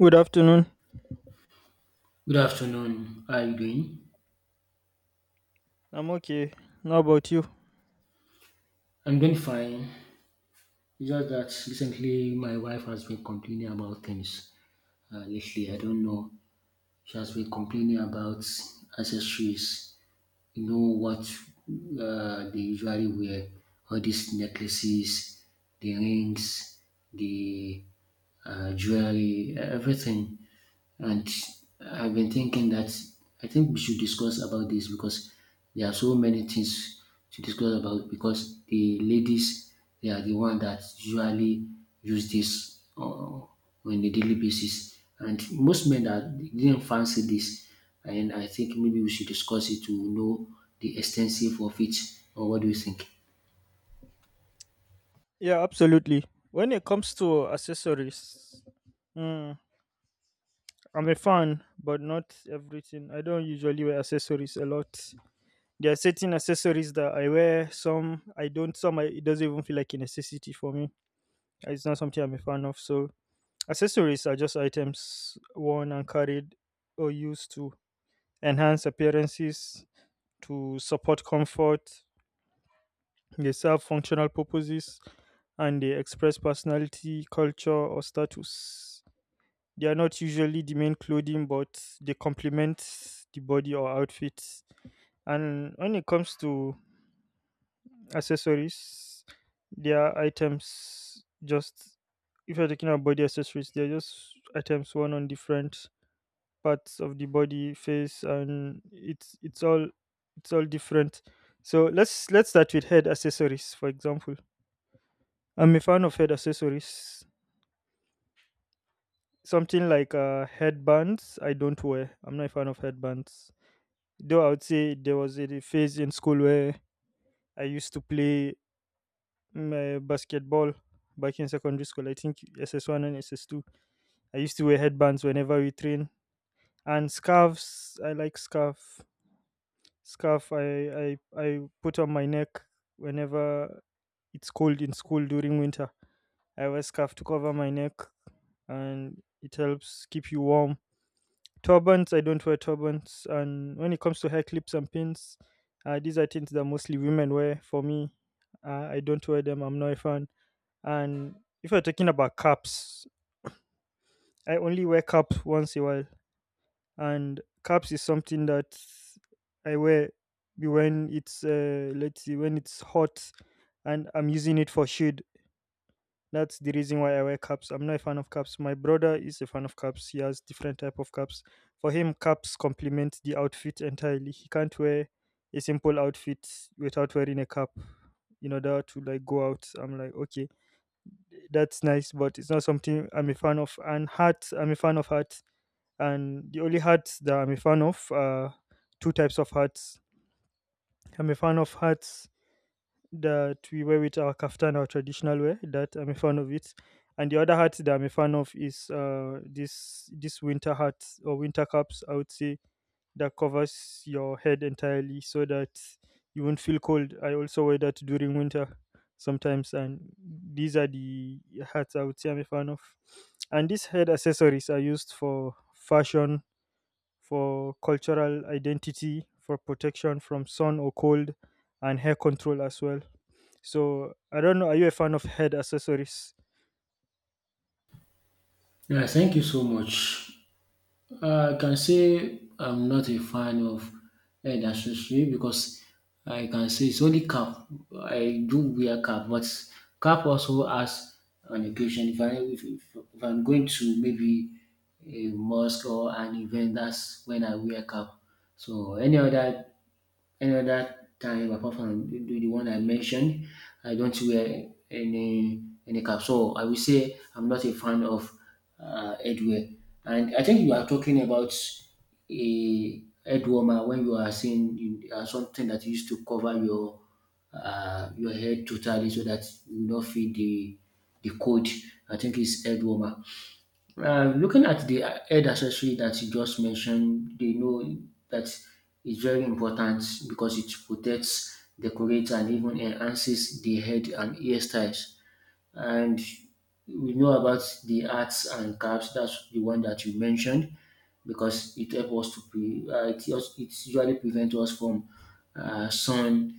Good afternoon. Good afternoon. How are you doing? I'm okay. How about you? I'm doing fine. It's just that recently my wife has been complaining about things lately. I don't know. She has been complaining about accessories. You know what they usually wear? All these necklaces, the rings, the jewelry, everything. And I've been thinking that I think we should discuss about this because there are so many things to discuss about because the ladies they are the one that usually use this on a daily basis, and most men that didn't fancy this, and I think maybe we should discuss it to know the extensive of it. Or what do you think? Yeah, absolutely. When it comes to accessories, mm, I'm a fan, but not everything. I don't usually wear accessories a lot. There are certain accessories that I wear. Some I don't. Some I, it doesn't even feel like a necessity for me. It's not something I'm a fan of. So accessories are just items worn and carried or used to enhance appearances, to support comfort. They serve functional purposes and they express personality, culture, or status. They are not usually the main clothing, but they complement the body or outfit. And when it comes to accessories, they are items just, if you're talking about body accessories, they're just items worn on different parts of the body face, and it's all different. So let's start with head accessories, for example. I'm a fan of head accessories, something like headbands. I don't wear, I'm not a fan of headbands, though I would say there was a phase in school where I used to play basketball back in secondary school. I think SS1 and SS2, I used to wear headbands whenever we train. And scarves, I like scarf I put on my neck whenever it's cold in school during winter. I wear scarf to cover my neck, and it helps keep you warm. Turbans, I don't wear turbans. And when it comes to hair clips and pins, these are things that mostly women wear. For me, I don't wear them. I'm not a fan. And if you're talking about caps, I only wear cap once a while. And caps is something that I wear when it's let's see, when it's hot and I'm using it for shade. That's the reason why I wear caps. I'm not a fan of caps. My brother is a fan of caps. He has different type of caps. For him, caps complement the outfit entirely. He can't wear a simple outfit without wearing a cap in order to like go out. I'm like, okay, that's nice, but it's not something I'm a fan of. And hats, I'm a fan of hats, and the only hats that I'm a fan of are two types of hats. I'm a fan of hats that we wear with our kaftan, our traditional wear. That I'm a fan of it, and the other hat that I'm a fan of is this winter hat or winter caps, I would say, that covers your head entirely so that you won't feel cold. I also wear that during winter sometimes, and these are the hats I would say I'm a fan of. And these head accessories are used for fashion, for cultural identity, for protection from sun or cold, and hair control as well. So I don't know. Are you a fan of head accessories? Yeah, thank you so much. I can say I'm not a fan of head accessory because I can say it's only cap. I do wear cap, but cap also has an occasion. If I'm going to maybe a mosque or an event, that's when I wear cap. So any other time apart from the one I mentioned, I don't wear any cap. So I will say I'm not a fan of headwear. And I think you are talking about a head warmer when you are saying you, something that used to cover your head totally so that you not feel the cold. I think it's head warmer. Looking at the head accessory that you just mentioned, they know that it's very important because it protects, decorates, and even enhances the head and hairstyles. And we know about the hats and caps. That's the one that you mentioned because it helps us to pre. It usually prevents us from sun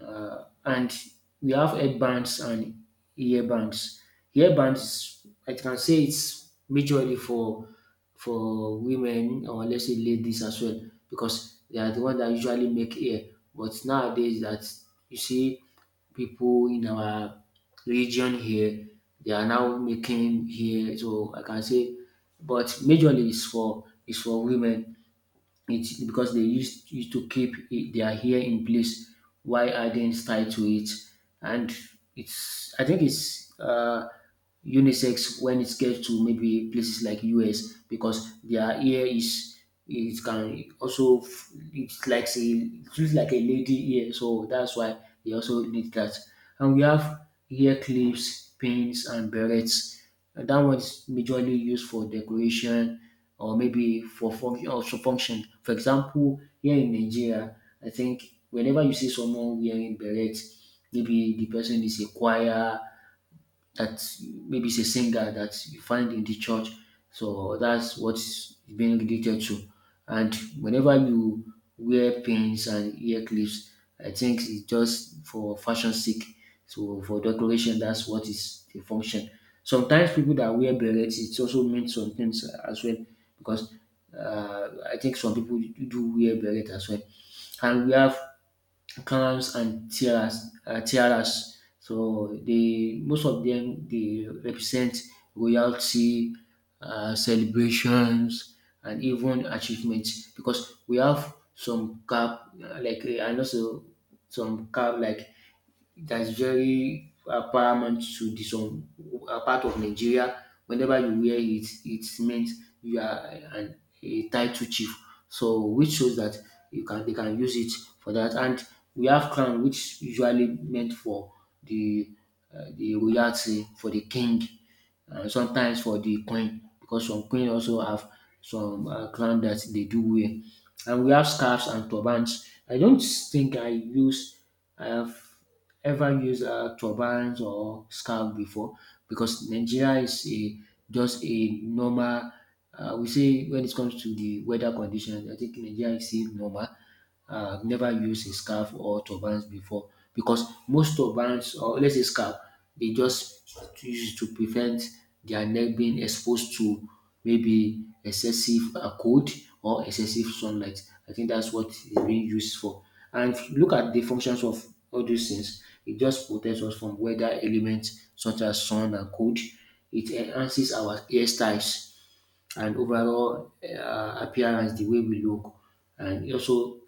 and we have headbands and earbands. Earbands, I can say it's majorly for women or let's say ladies as well because they are the one that usually make hair. But nowadays, that you see people in our region here, they are now making hair. So I can say, but majorly is for women it's because they used to keep it, their hair in place while adding style to it, and it's I think it's unisex when it gets to maybe places like US because their hair is it can also it's like say it looks like a lady hair, so that's why they also need that. And we have hair clips, pins, and berets. That one is majorly used for decoration or maybe for function also function. For example, here in Nigeria, I think whenever you see someone wearing beret, maybe the person is a choir that maybe is a singer that you find in the church. So that's what is being related to. And whenever you wear pins and ear clips, I think it's just for fashion sake. So for decoration, that's what is the function. Sometimes people that wear berets, it also means some things as well because I think some people do wear beret as well. And we have Canals and tiaras, tiaras. So they most of them they represent royalty, celebrations, and even achievements because we have some cap like and also some cap like that is very paramount to the some part of Nigeria. Whenever you wear it, it means you are a title chief. So which shows that you can they can use it for that. And we have crown, which usually meant for the the royalty for the king, and sometimes for the queen because some queen also have some crown that they do wear. And we have scarves and turbans. I don't think I have ever use turbans or scarf before because Nigeria is a just a normal. We say when it comes to the weather conditions, I think Nigeria is still normal. Never used a scarf or turbans before because most turbans or let's say scarf, they just use it to prevent their neck being exposed to maybe excessive cold or excessive sunlight. I think that's what it's being used for. And if you look at the functions of all these things, it just protects us from weather elements such as sun and cold. It enhances our hairstyles and overall appearance, the way we look, and also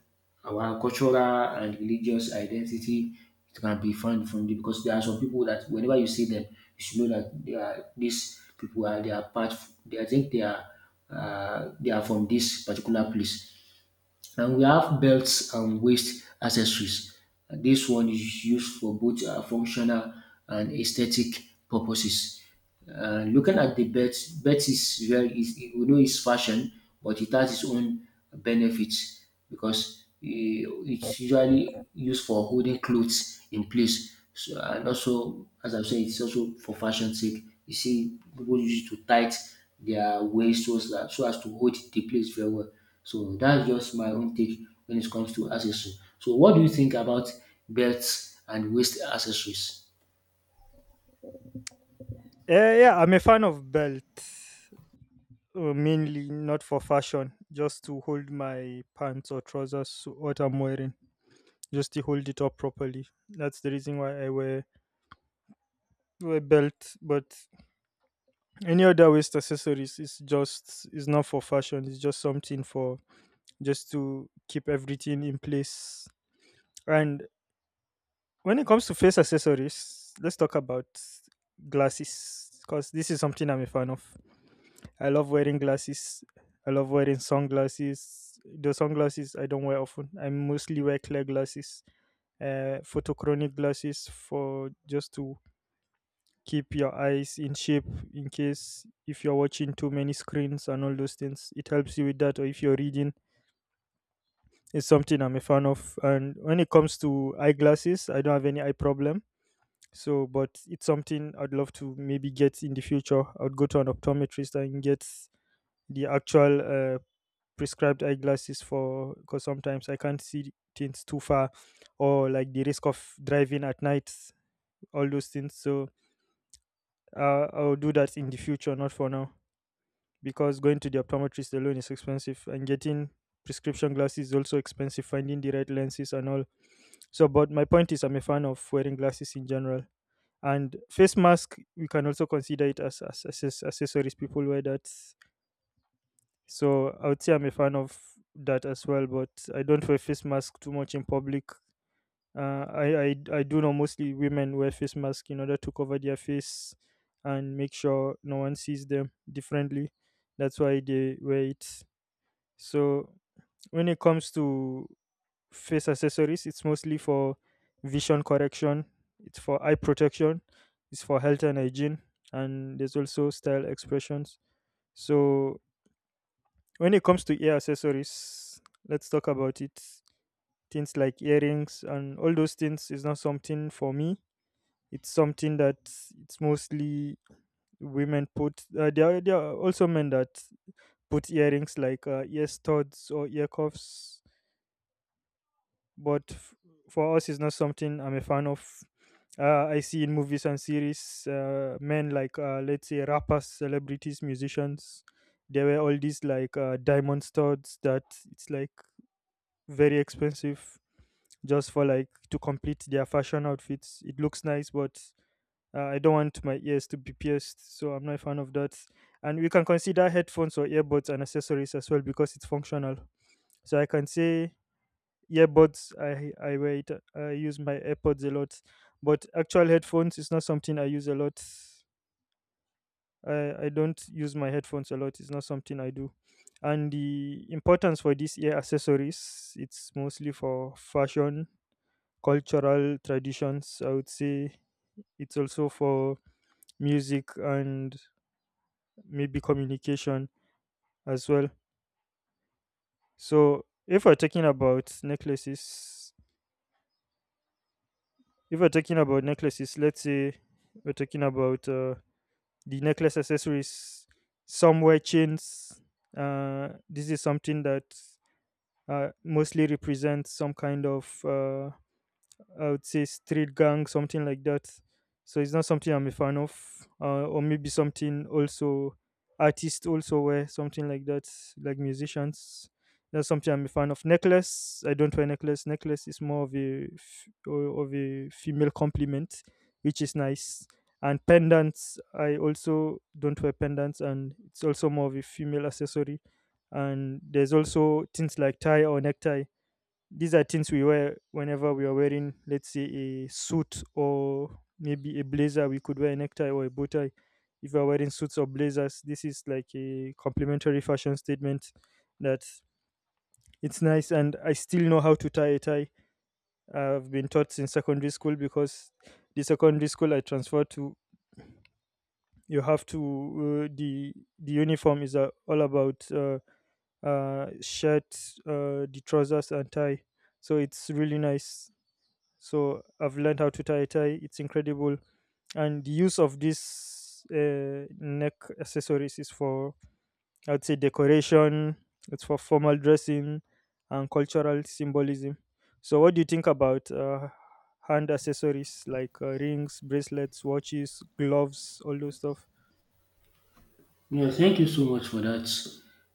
our cultural and religious identity. It can be found from it because there are some people that whenever you see them, you should know that they are these people are they are part. They, I think they are from this particular place and we have belts and waist accessories. And this one is used for both functional and aesthetic purposes. Looking at the belt, belt is we know it's fashion, but it has its own benefits because it's usually used for holding clothes in place. So, and also, as I have said, it's also for fashion sake. You see, people use it to tight their waist so as to hold the place very well. So that's just my own take when it comes to accessories. So what do you think about belts and waist accessories? Yeah, yeah. I'm a fan of belt, mainly not for fashion, just to hold my pants or trousers, what I'm wearing, just to hold it up properly. That's the reason why I wear belt. But any other waist accessories is just, is not for fashion. It's just something for, just to keep everything in place. And when it comes to face accessories, let's talk about glasses, because this is something I'm a fan of. I love wearing glasses. I love wearing sunglasses. The sunglasses I don't wear often. I mostly wear clear glasses, photochronic glasses, for just to keep your eyes in shape in case if you're watching too many screens and all those things. It helps you with that, or if you're reading, it's something I'm a fan of. And when it comes to eyeglasses, I don't have any eye problem. So, but it's something I'd love to maybe get in the future. I'd go to an optometrist and get the actual prescribed eyeglasses for, because sometimes I can't see things too far, or like the risk of driving at night, all those things. So, I'll do that in the future, not for now, because going to the optometrist alone is expensive, and getting prescription glasses is also expensive. Finding the right lenses and all. So, but my point is, I'm a fan of wearing glasses in general. And face mask, we can also consider it as, as accessories people wear that. So I would say I'm a fan of that as well, but I don't wear face mask too much in public. I do know mostly women wear face mask in order to cover their face and make sure no one sees them differently. That's why they wear it. So when it comes to face accessories, it's mostly for vision correction, it's for eye protection, it's for health and hygiene, and there's also style expressions. So, when it comes to ear accessories, let's talk about it. Things like earrings and all those things is not something for me. It's something that it's mostly women put. There are also men that put earrings like ear studs or ear cuffs, but for us, it's not something I'm a fan of. I see in movies and series, men like let's say rappers, celebrities, musicians, there were all these like diamond studs that it's like very expensive, just for like to complete their fashion outfits. It looks nice, but I don't want my ears to be pierced, so I'm not a fan of that. And we can consider headphones or earbuds and accessories as well, because it's functional. So I can say earbuds, I wear it. I use my airpods a lot, but actual headphones is not something I use a lot. I don't use my headphones a lot. It's not something I do. And the importance for these ear accessories, it's mostly for fashion, cultural traditions, I would say. It's also for music and maybe communication as well. So if we're talking about necklaces, if we're talking about necklaces, let's say we're talking about the necklace accessories. Some wear chains. This is something that mostly represents some kind of I would say street gang, something like that. So it's not something I'm a fan of, or maybe something also artists also wear something like that, like musicians. That's something I'm a fan of. Necklace, I don't wear necklace. Necklace is more of of a female compliment, which is nice. And pendants, I also don't wear pendants, and it's also more of a female accessory. And there's also things like tie or necktie. These are things we wear whenever we are wearing, let's say, a suit or maybe a blazer. We could wear a necktie or a bow tie if we are wearing suits or blazers. This is like a complimentary fashion statement that, it's nice. And I still know how to tie a tie. I've been taught since secondary school, because the secondary school I transferred to, you have to, the uniform is all about shirt, the trousers, and tie. So it's really nice. So I've learned how to tie a tie. It's incredible, and the use of this neck accessories is for, I'd say, decoration. It's for formal dressing and cultural symbolism. So what do you think about hand accessories like rings, bracelets, watches, gloves, all those stuff? Yeah, thank you so much for that.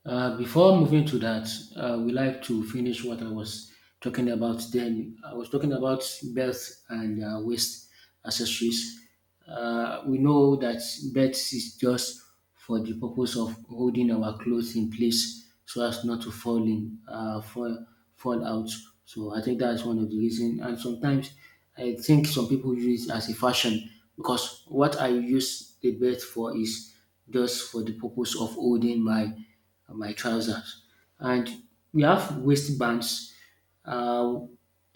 Before moving to that, we like to finish what I was talking about. Then I was talking about birth and waste accessories. We know that birth is just for the purpose of holding our clothes in place so as not to fall out. So I think that's one of the reasons. And sometimes I think some people use it as a fashion because what I use the belt for is just for the purpose of holding my trousers. And we have waistbands, uh,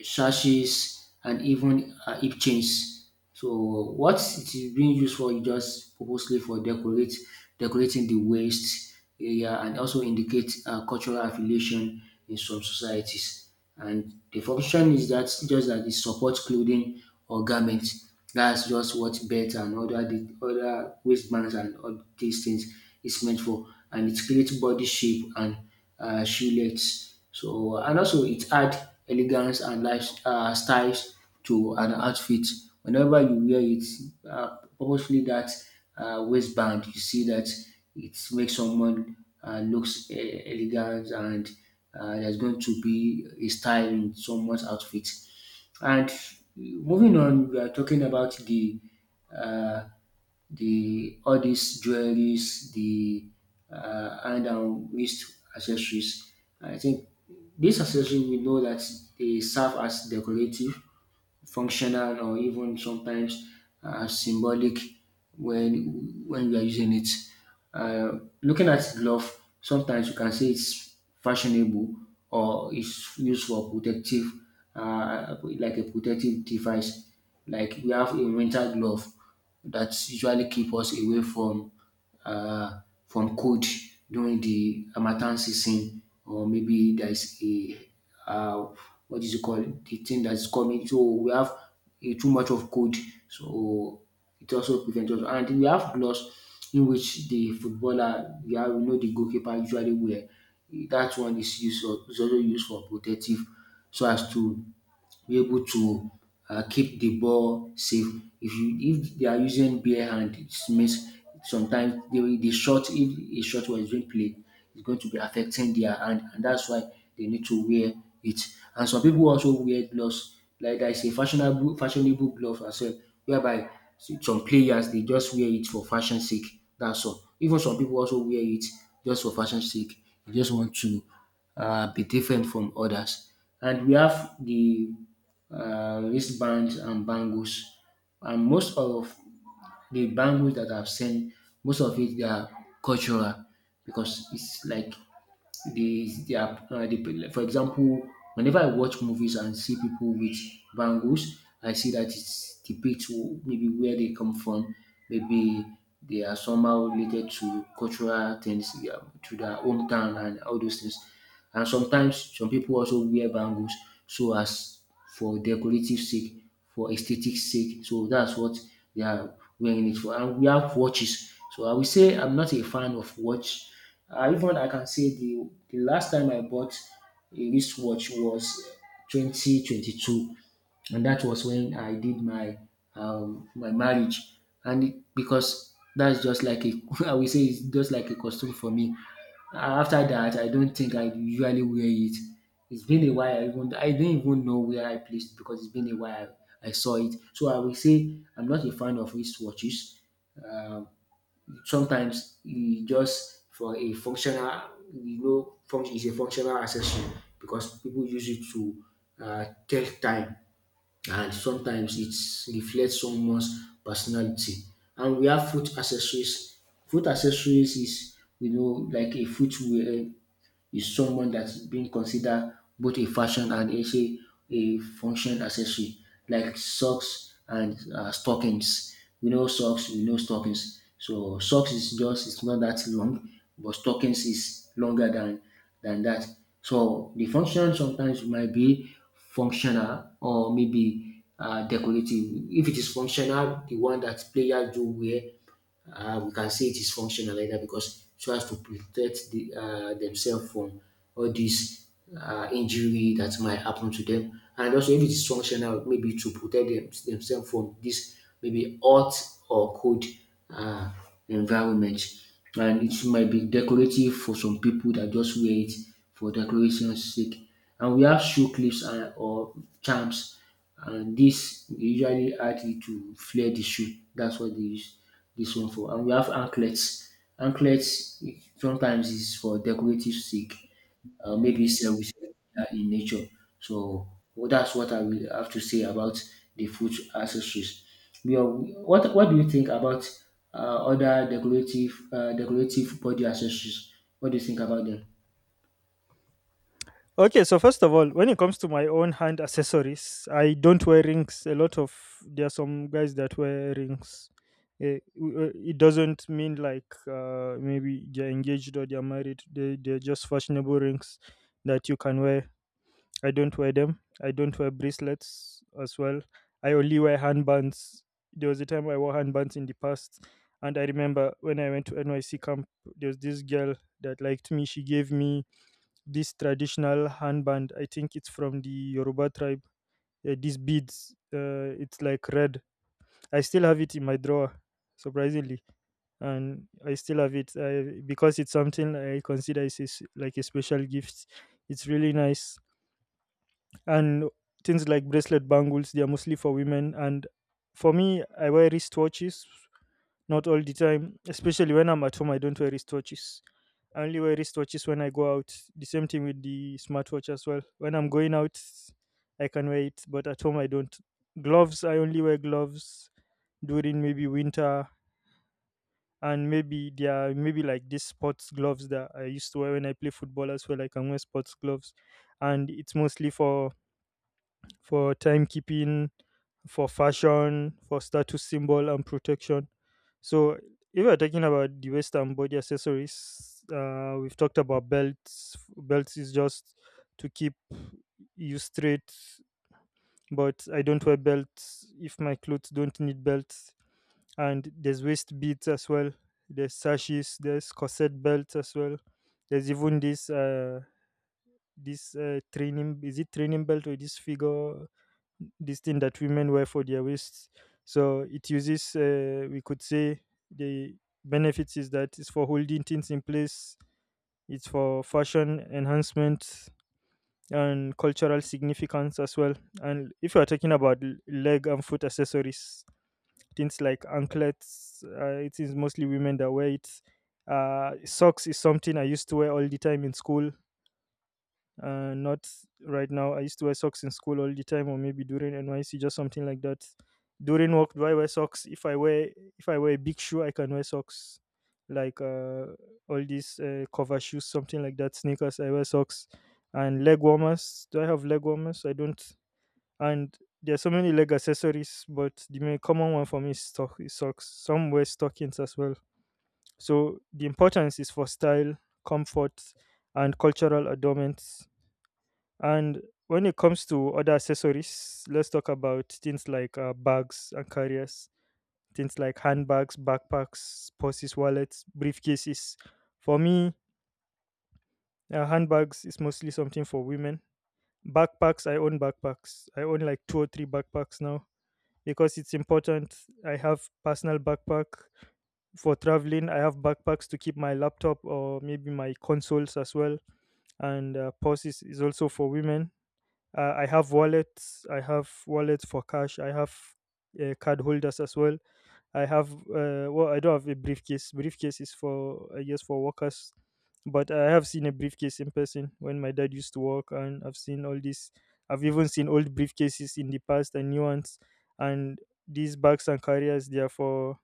sashes, and even hip chains. So what it is being used for is just purposely for decorate decorating the waist area and also indicate cultural affiliation in some societies and the function is that just that it supports clothing or garments. That's just what belt and other the other waistbands and all these things is meant for, and it creates body shape and shillets. So and also it adds elegance and life styles to an outfit. Whenever you wear it purposefully, that waistband, you see that it makes someone looks elegant and there's going to be a style in someone's outfit. And moving on, we are talking about the uh, all these jewelries, the hand and wrist accessories. I think these accessories we know that they serve as decorative functional or even sometimes symbolic when you are using it. Looking at glove, sometimes you can say it's fashionable or it's used for protective, like a protective device. Like we have a winter glove that usually keep us away uh, from cold during the Harmattan season or maybe there is a uh, what is it called the thing that is coming so we have a too much of cold so it also prevents us and we have gloves in which the footballer we have we know the goalkeeper usually wear that one is also used for protective so as to be able to keep the ball safe. If you if they are using bare hand, it means sometimes the shot if a shot was being played is going to be affecting their hand, and that's why they need to wear it. And some people also wear gloves. Like there is a fashionable glove as well, whereby some players they just wear it for fashion sake. That's all. Even some people also wear it just for fashion sake. They just want to be different from others. And we have the wristbands and bangles. And most of the bangles that I've seen, most of it they are cultural because it's like the they are the, for example, whenever I watch movies and see people with bangles, I see that it's depicts maybe where they come from, maybe they are somehow related to cultural things, yeah, to their hometown and all those things. And sometimes some people also wear bangles so as for decorative sake, for aesthetic sake. So that's what they are wearing it for. And we have watches. So I will say I'm not a fan of watch. Even I can say the last time I bought a wristwatch was 2022 and that was when I did my my marriage, and it, because that's just like a I will say it's just like a costume for me. After that, I don't think I usually wear it. It's been a while. I don't even know where I placed it because it's been a while I saw it. So I will say I'm not a fan of wristwatches. Sometimes e just for a functional, function is a functional accessory because people use it to tell time, and sometimes it reflects someone's personality. And we have food accessories. Food accessories is like a footwear is someone that's being considered both a fashion and also a function accessory, like socks and stockings. We know socks, we know stockings. So socks is just it's not that long, but stockings is longer than that. So the function sometimes might be functional or maybe decorative. If it is functional, the one that players do wear, we can say it is functional like that because so as to protect the, themselves from all these injury that might happen to them. And also, if it is functional, maybe to protect themselves from this maybe hot or cold uh, environment. And it might be decorative for some people that just wear it for decoration's sake. And we have shoe clips and, or charms, and this dey usually add it to flare the shoe. That's what dey use dis one for. And we have anklets. Anklet sometimes is for decorative sake. Maybe sef we sef in nature, so well, that's what I will have to say about the foot accessories. We are. What do you think about other decorative decorative body accessories? What do you think about them? Okay, so first of all, when it comes to my own hand accessories, I don't wear rings. A lot of There are some guys that wear rings. It doesn't mean like maybe they're engaged or they're married. They're just fashionable rings that you can wear. I don't wear them. I don't wear bracelets as well. I only wear handbands. There was a time I wore handbands in the past, and I remember when I went to NYC camp, there was this girl that liked me. She gave me this traditional handband. I think it's from the Yoruba tribe. These beads, it's like red. I still have it in my drawer, surprisingly, and I still have it, because it's something I consider is like a special gift. It's really nice, and things like bracelet bangles. They are mostly for women, and for me, I wear wristwatches not all the time, especially when I'm at home. I don't wear wristwatches. I only wear wristwatches when I go out. The same thing with the smartwatch as well. When I'm going out, I can wear it, but at home I don't. Gloves, I only wear gloves during maybe winter, and maybe there are maybe like these sports gloves that I used to wear when I play football as well. I can wear sports gloves, and it's mostly for timekeeping, for fashion, for status symbol, and protection. So, if we are talking about the waist and body accessories, we've talked about belts. Belts is just to keep you straight, but I don't wear belts if my clothes don't need belts. And there's waist beads as well. There's sashes. There's corset belts as well. There's even this training. Is it training belt or this figure? This thing that women wear for their waists. So it uses, we could say, the benefits is that it's for holding things in place, it's for fashion enhancement and cultural significance as well. And if you are talking about leg and foot accessories, things like anklets, it is mostly women that wear it. Socks is something I used to wear all the time in school, not right now. I used to wear socks in school all the time, or maybe during NYC, just something like that. During work, do I wear socks? If I wear a big shoe, I can wear socks, like all these cover shoes, something like that. Sneakers, I wear socks, and leg warmers. Do I have leg warmers? I don't. And there are so many leg accessories, but the main common one for me is, is socks. Some wear stockings as well. So the importance is for style, comfort, and cultural adornments. And when it comes to other accessories, let's talk about things like bags and carriers, things like handbags, backpacks, purses, wallets, briefcases. For me, handbags is mostly something for women. Backpacks. I own like two or three backpacks now because it's important. I have personal backpack for traveling. I have backpacks to keep my laptop or maybe my consoles as well. And purses is also for women. I have wallets. I have wallets for cash. I have card holders as well. I have I don't have a briefcase. Briefcase is for, I guess, for workers, but I have seen a briefcase in person when my dad used to work, and I've seen all this. I've even seen old briefcases in the past and new ones, and these bags and carriers. They are for,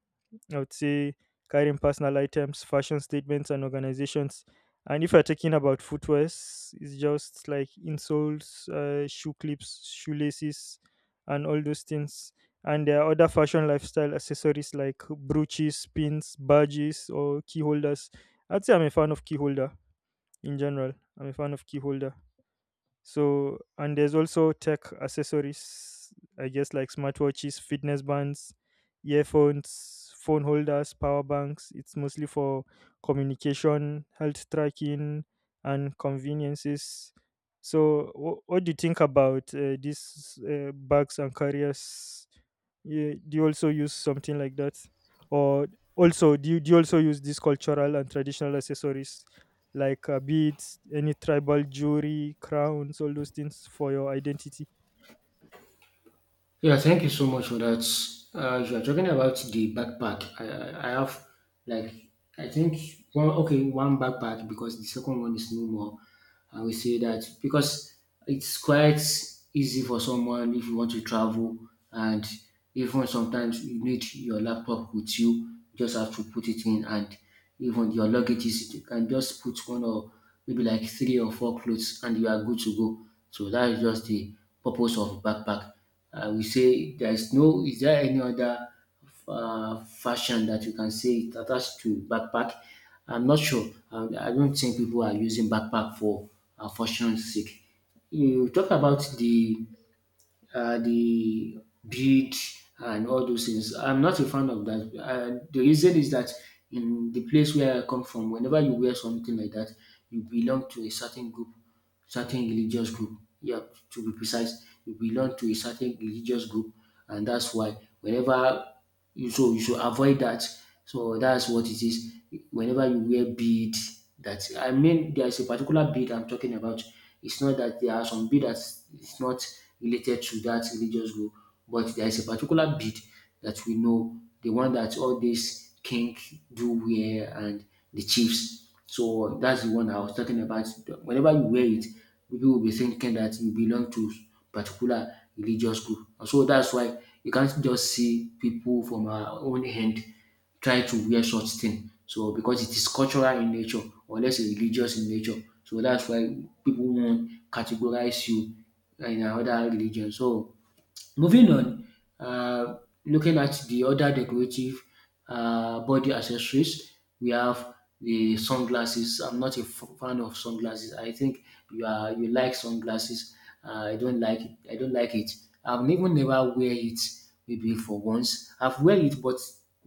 I would say, carrying personal items, fashion statements, and organizations. And if you're talking about footwears, it's just like insoles, shoe clips, shoelaces, and all those things. And there are other fashion lifestyle accessories like brooches, pins, badges, or key holders. I'd say I'm a fan of key holder in general. I'm a fan of key holder. So, and there's also tech accessories, I guess, like smartwatches, fitness bands, earphones, phone holders, power banks. It's mostly for communication, health tracking, and conveniences. So, what do you think about these bags and carriers? Yeah, do you also use something like that? Or also, do you also use these cultural and traditional accessories? Like beads, any tribal jewelry, crowns, all those things for your identity. Yeah, thank you so much for that. You are talking about the backpack. I have like, I think, one, okay, one backpack, because the second one is no more. I will say that because it's quite easy for someone if you want to travel, and even sometimes you need your laptop with you. You just have to put it in, and even your luggage is you can just put one or maybe like three or four clothes and you are good to go. So that is just the purpose of backpack. I will say there is no, is there any other fashion that you can say it attached to backpack? I'm not sure. I don't think people are using backpack for fashion's sake. You talk about the uh, the bead and all those things. I'm not a fan of that. The reason is that in the place where I come from, whenever you wear something like that, you belong to a certain group, certain religious group. Yeah, to be precise, you belong to a certain religious group, and that's why whenever you so you should avoid that. So that's what it is. Whenever you wear bead, that I mean, there's a particular bead I'm talking about. It's not that there are some bead that is not related to that religious group, but there is a particular bead that we know, the one that all these king do wear, and the chiefs. So that's the one I was talking about. Whenever you wear it, people will be thinking that you belong to particular religious group. And so that's why you can't just see people from our own hand try to wear such thing. So because it is cultural in nature, or let's say religious in nature. So that's why people won't categorize you in another religion. So moving on, uh, looking at the other decorative body accessories, we have the sunglasses. I'm not a fan of sunglasses. I think you are you like sunglasses. I don't like it. I don't like it. I've even never wear it maybe for once. I've wear it, but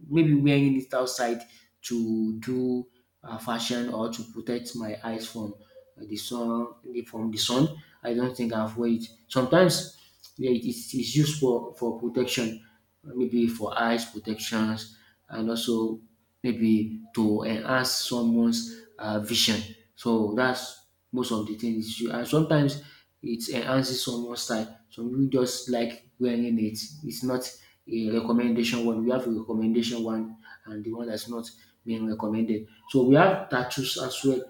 maybe wearing it outside to do fashion or to protect my eyes from the sun from the sun. I don't think I've wear it. Sometimes yeah, it is it's used for protection, maybe for eyes protections, and also maybe to enhance someone's vision. So that's most of the things. You, and sometimes it enhances someone's style. Some people just like wearing it. It's not a recommendation one. We have a recommendation one and the one that's not being recommended. So we have tattoos as well,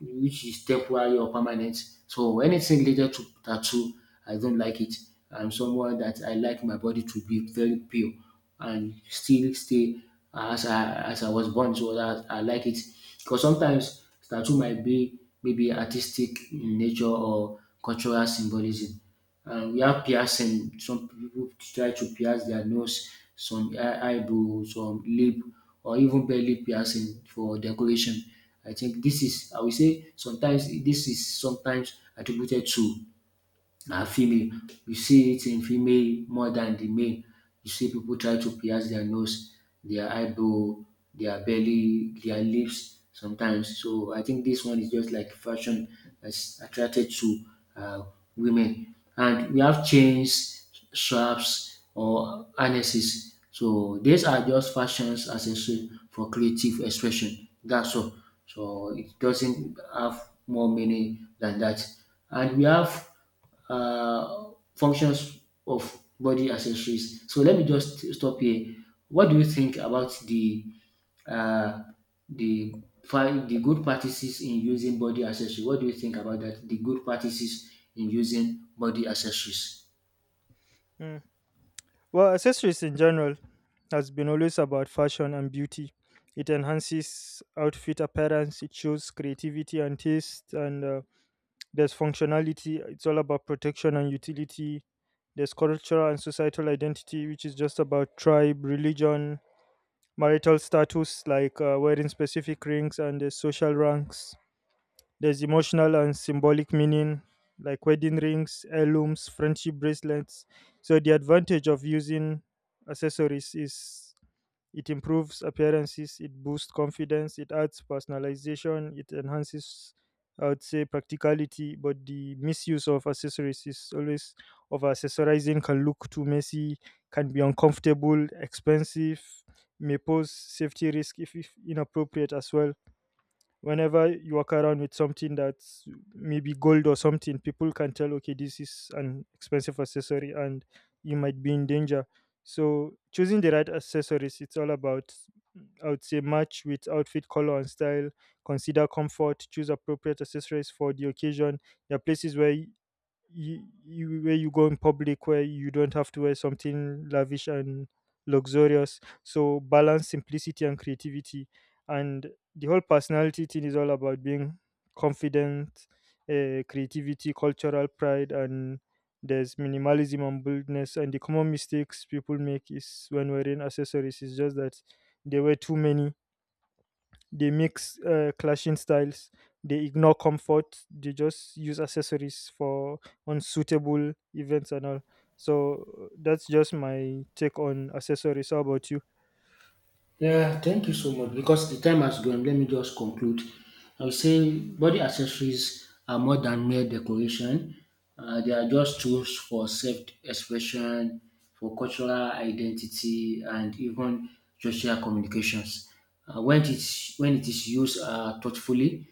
which is temporary or permanent. So anything related to tattoo, I don't like it. I'm someone that I like my body to be very pure and still stay as I was born. So that I like it because sometimes tattoo might be maybe artistic in nature or cultural symbolism. We have piercing. Some people try to pierce their nose, some eyebrow, some lip, or even belly piercing for decoration. I think this is, I will say, sometimes this is sometimes attributed to and female. You see it in female more than the male. You see people try to pierce their nose, their eyebrow, their belly, their lips sometimes. So I think this one is just like fashion that's attracted to uh, women. And we have chains, straps, or harnesses. So these are just fashions accessories for creative expression. That's all. So it doesn't have more meaning than that. And we have functions of body accessories. So let me just stop here. What do you think about the uh, the good practices in using body accessories? What do you think about that? The good practices in using body accessories. Mm. Well, accessories in general has been always about fashion and beauty. It enhances outfit appearance, it shows creativity and taste, and there's functionality, it's all about protection and utility. There's cultural and societal identity, which is just about tribe, religion, marital status, like wearing specific rings, and there's social ranks. There's emotional and symbolic meaning, like wedding rings, heirlooms, friendship bracelets. So, the advantage of using accessories is it improves appearances, it boosts confidence, it adds personalization, it enhances, I would say, practicality. But the misuse of accessories is always over accessorizing can look too messy, can be uncomfortable, expensive, may pose safety risk if inappropriate as well, whenever you walk around with something that's maybe gold or something. People can tell, okay, this is an expensive accessory and you might be in danger. So choosing the right accessories, it's all about, I would say, match with outfit color and style, consider comfort, choose appropriate accessories for the occasion. There are places where you, where you go in public, where you don't have to wear something lavish and luxurious, so balance simplicity and creativity. And the whole personality thing is all about being confident, creativity, cultural pride, and there's minimalism and boldness. And the common mistakes people make is when wearing accessories is just that they wear too many, they mix clashing styles. They ignore comfort. They just use accessories for unsuitable events and all. So that's just my take on accessories. How about you? Yeah, thank you so much. Because the time has gone, let me just conclude. I would say body accessories are more than mere decoration. They are just tools for self-expression, for cultural identity, and even social communications. When it is used thoughtfully,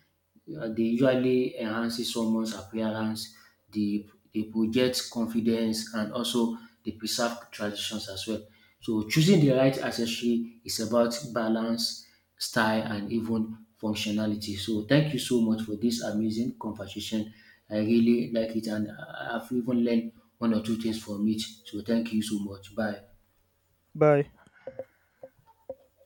they usually enhances someone's appearance, they, they project confidence, and also they preserve traditions as well. So choosing the right accessory is about balance, style, and even functionality. So thank you so much for this amazing conversation. I really like it, and I've even learned one or two things from it. So thank you so much. Bye. Bye.